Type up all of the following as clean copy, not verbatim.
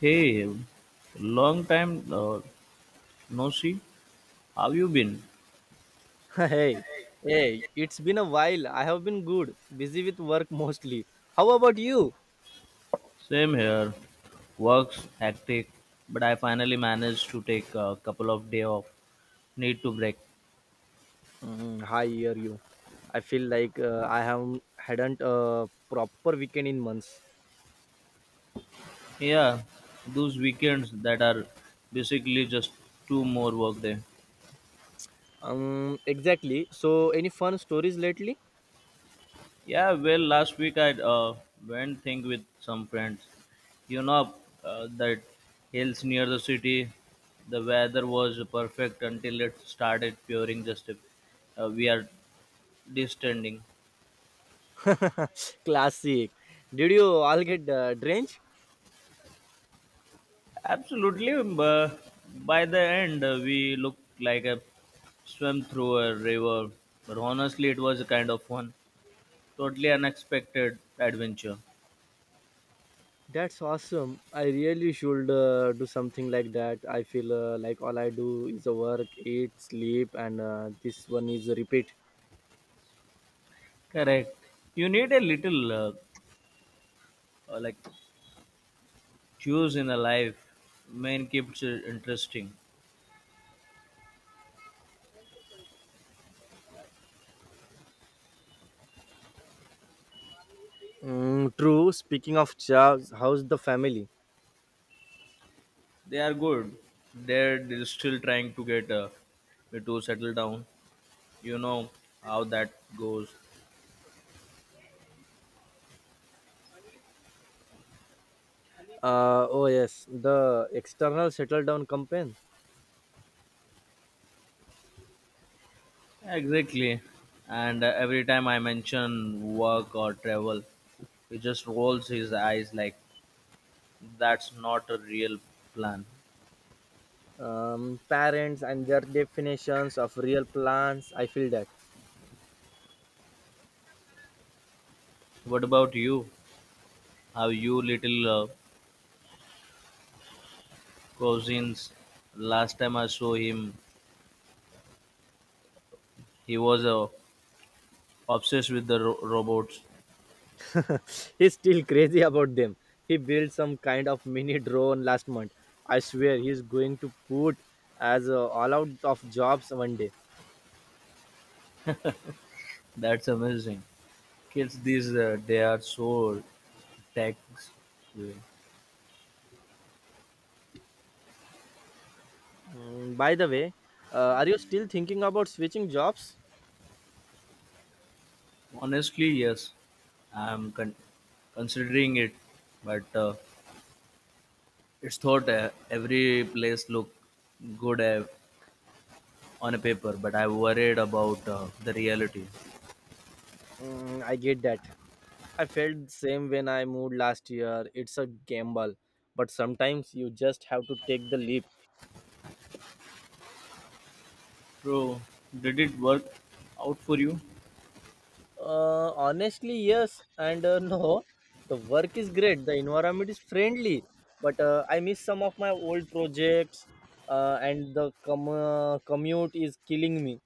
Hey, long time no see. How you been? Hey, hey, it's been a while. I have been good, busy with work mostly. How about you? Same here. Work's hectic, but I finally managed to take a couple of day off. Need to break. Mm, I hear you. I feel like I have hadn't a proper weekend in months. Yeah, those weekends that are basically just two more work day. Exactly. So, any fun stories lately? Yeah, well, last week I went thing with some friends. You know that hills near the city. The weather was perfect until it started pouring. Just we are distending. Classic. Did you all get drenched? Absolutely. By the end, we looked like a swim through a river. But honestly, it was a kind of fun, totally unexpected adventure. That's awesome. I really should do something like that. I feel like all I do is work, eat, sleep, and this one is a repeat. Correct. You need a little like cues in a life main keeps it interesting. Mm, true. Speaking of jobs, how's the family? They are good. They're still trying to get to settle down. You know how that goes. Oh yes, the external settle down campaign. Exactly. And every time I mention work or travel, he just rolls his eyes like that's not a real plan. Parents and their definitions of real plans. I feel that. What about you? How you little cousins? Last time I saw him, he was obsessed with the robots. He's still crazy about them. He built some kind of mini drone last month. I swear he's going to put as all out of jobs one day. That's amazing. Kids these they are so tech driven. Mm, by the way, are you still thinking about switching jobs? Honestly, yes, I'm con- considering it, but it's thought every place look good on a paper, but I worried about the reality. Mm, I get that. I felt the same when I moved last year. It's a gamble, but sometimes you just have to take the leap. Bro, did it work out for you? Honestly, yes and no. The work is great, the environment is friendly, but I miss some of my old projects, and the commute is killing me.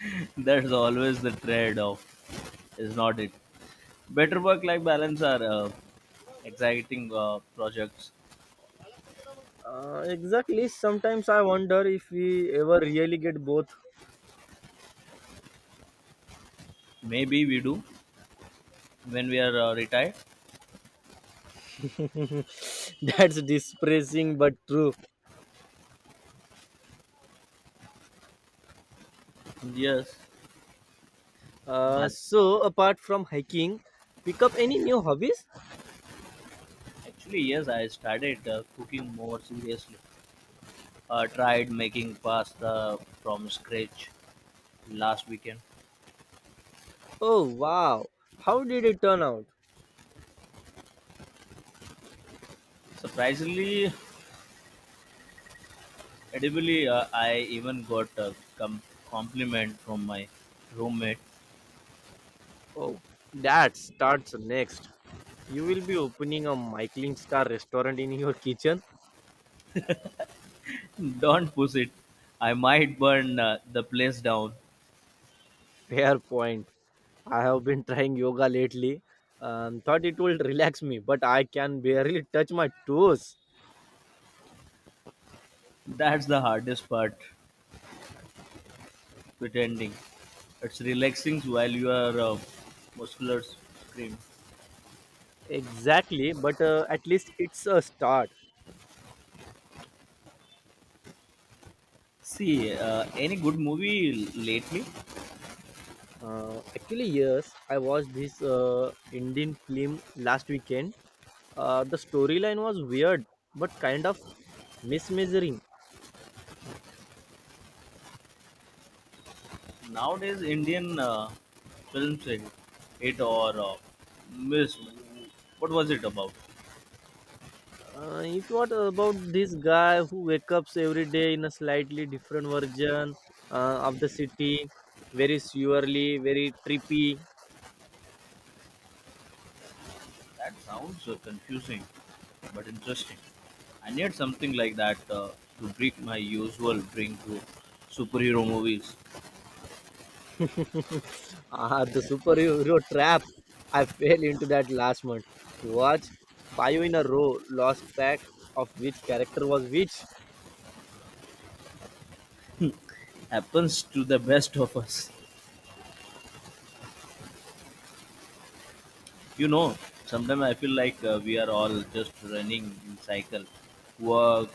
That's always the trade-off, is not it? Better work-life balance are exciting projects. Exactly. Sometimes I wonder if we ever really get both. Maybe we do, when we are retired. That's depressing but true. Yes, but So, apart from hiking, pick up any new hobbies? actually yes, I started cooking more seriously, tried making pasta from scratch last weekend. Oh wow, how did it turn out? Surprisingly edibly, I even got a compliment from my roommate. Oh, that starts next. You will be opening a Michelin star restaurant in your kitchen? Don't push it, I might burn the place down. Fair point. I have been trying yoga lately and thought it will relax me, but I can barely touch my toes. That's the hardest part, pretending it's relaxing while you are muscular scream. Exactly, but at least it's a start. See, any good movie lately? Actually, yes, I watched this Indian film last weekend. The storyline was weird, but kind of mismeasuring. Nowadays, Indian films, it or miss, what was it about? It was about this guy who wakes up every day in a slightly different version of the city, very surely, very trippy. That sounds confusing, but interesting. I need something like that to break my usual drink to superhero movies. Ah, the superhero trap. I fell into that last month. Watch five in a row, lost track of which character was which. Happens to the best of us. You know, sometimes I feel like we are all just running in cycle. Work,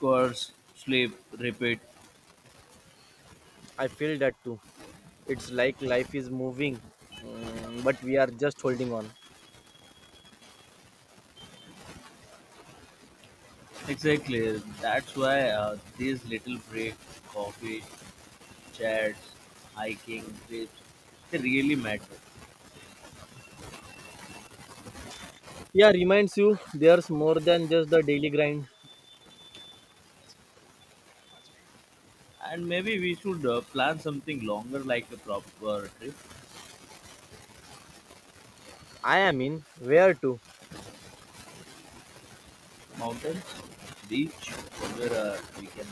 course, sleep, repeat. I feel that too. It's like life is moving, but we are just holding on. Exactly. That's why these little breaks, coffee, chats, hiking, trips, they really matter. Yeah, reminds you there's more than just the daily grind. And maybe we should plan something longer like a proper trip, I am in, where to? mountains, beach, somewhere we can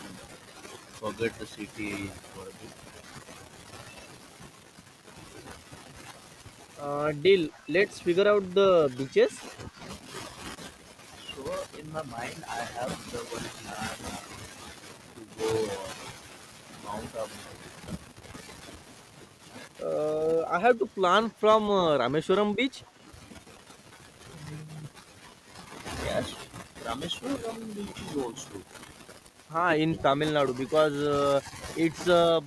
forget the city for a bit. Deal. Let's figure out the beaches. So in my mind, I have the one plan to go Mount Abu. I have to plan from Rameshwaram beach, Yes, Rameshwaram beach is also. We ha, can in plan. Tamil Nadu because it's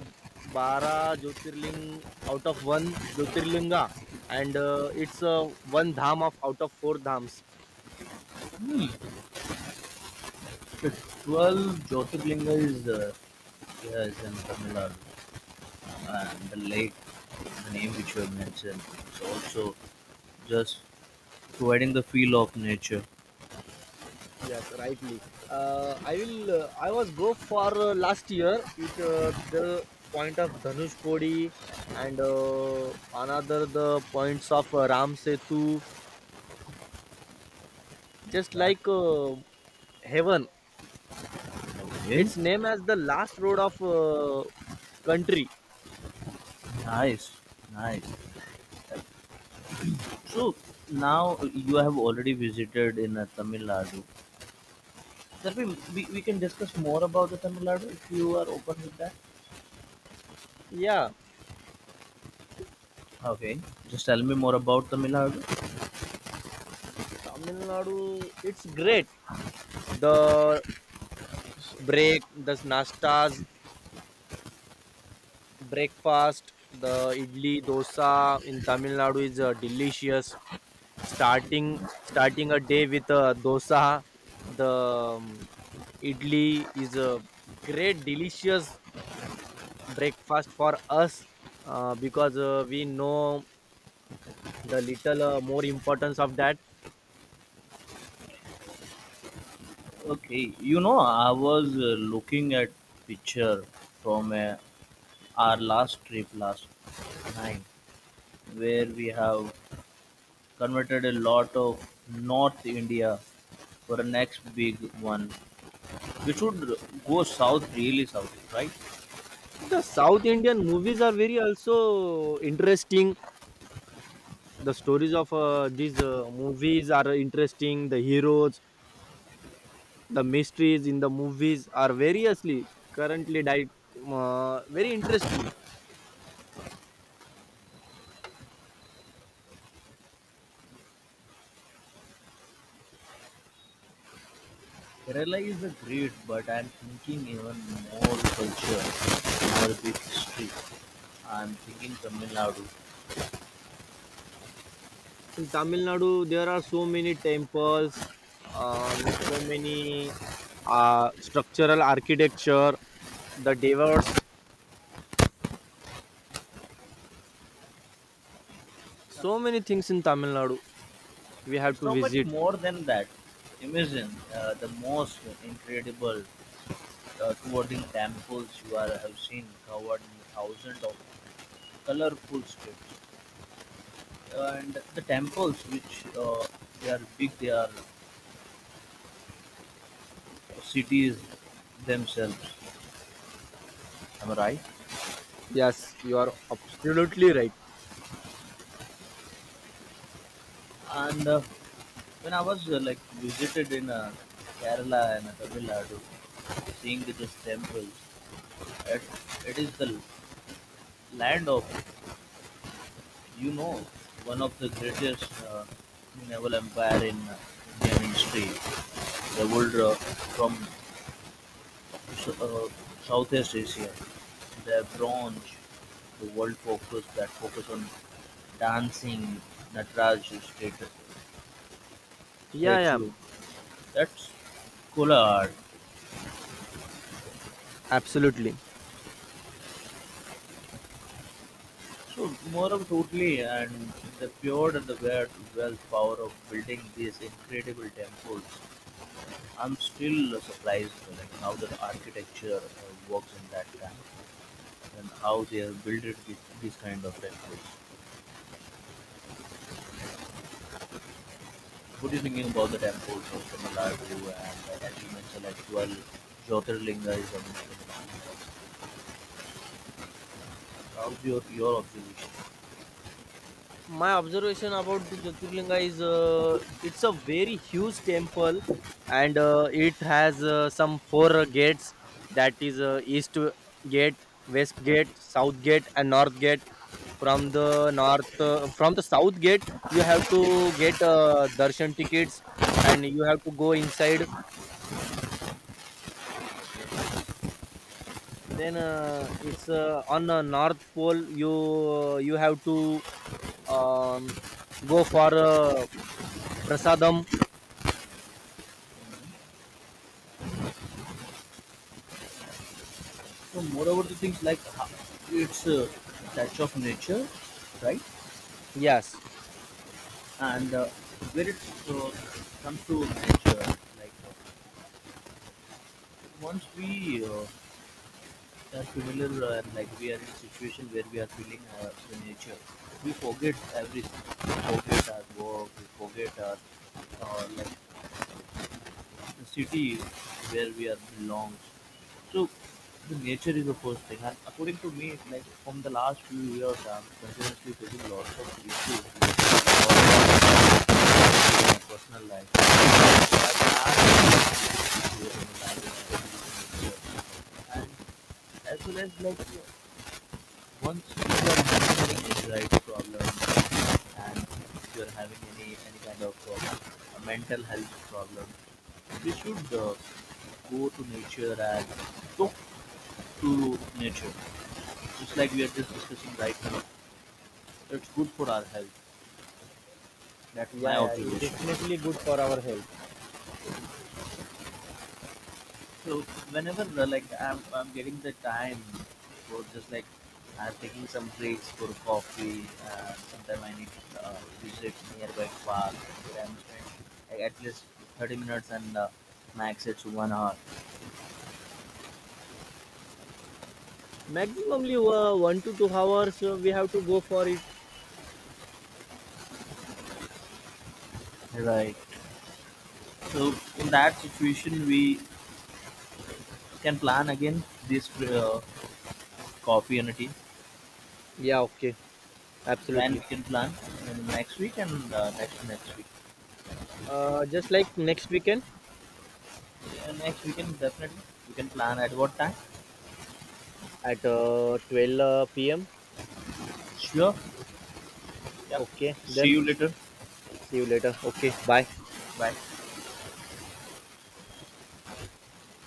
bara Jyotirling out of one Jyotirlinga, and it's one dham of out of four dhams. 12 Jyotirlinga is yeah, it's in Tamil Nadu. And the lake, the name which you have mentioned, it's also just providing the feel of nature. Yes, rightly. I will. I was go for last year. It the point of Dhanush Kodi and another the points of Ram Setu just That like heaven. okay, It's named as the last road of country. nice, nice. So now you have already visited in Tamil Nadu. Shall we, we can discuss more about the Tamil Nadu if you are open with that. Yeah, Okay, just tell me more about Tamil Nadu. Tamil Nadu. It's great. The break, the nastas, breakfast, the idli dosa in Tamil Nadu is delicious. Starting a day with a dosa, the idli is a great delicious breakfast for us because we know the little more importance of that. Okay, you know I was looking at picture from our last trip last night where we have converted a lot of North India for the next big one. We should go south, really south, right? The south Indian movies are very also interesting. The stories of these movies are interesting, the heroes, the mysteries in the movies are variously currently died, very interesting. Kerala is a great, but I'm thinking even more culture, more big history. I'm thinking Tamil Nadu. In Tamil Nadu there are so many temples, um, so many structural architecture, the devotes, so many things in Tamil Nadu we have It's to so much visit. more than that. Imagine the most incredible towering temples you are, have seen covered in thousands of colorful streets. And the temples which they are big, they are cities themselves. Am I right? Yes, you are absolutely right. And when I was like visited in Kerala and Tamil Nadu, seeing these temples, it, it is the land of you know one of the greatest naval empire in Indian history. They would from uh, Southeast Asia, their bronze, the world focus that focus on dancing Nataraju Yeah, yeah, statue. That's cool art. absolutely. So more of totally and the pure and the weird wealth power of building these incredible temples. I'm still surprised like how the architecture works in that time and how they have built it with these kind of temples. What are you thinking about the temples of Tamilnadu and as you mentioned, like 12 Jyotirlinga is a how's your observation? My observation about the Jyotirlinga is it's a very huge temple, and it has some four gates, that is east gate, west gate, south gate and north gate. From the north from the south gate you have to get darshan tickets and you have to go inside. Then it's on the north pole you have to um, go for prasadam. So moreover, the things like its touch of nature, right? Yes. And where it uh, comes to nature, like once we are familiar and like we are in a situation where we are feeling the nature, we forget everything. We forget our work. We forget our like the city where we are belongs. So the nature is the first thing, and according to me, it's like from the last few years, I'm continuously facing lots of issues in my personal life. So I can add issues in my life, especially in nature. And as well as like once you are having any right problem and if you are having any kind of a mental health problem, we should go to nature and talk to nature. Just like we are just discussing right now, it's good for our health. That's my Yeah, yeah, it's observation. definitely good for our health. So whenever like I'm getting the time for just like I'm taking some breaks for coffee and sometimes I need to visit nearby park where I'm spending like, at least 30 minutes and max it's 1 hour. Maximumly 1 to 2 hours we have to go for it. Right. So in that situation we can plan again this coffee and a tea Yeah, okay, when we absolutely. can plan in next week and next to next week. Just like next weekend, And next weekend definitely we can plan at what time. at 12 p.m. Sure. Yep. Okay See then, you later. see you later. Okay, bye. 喂。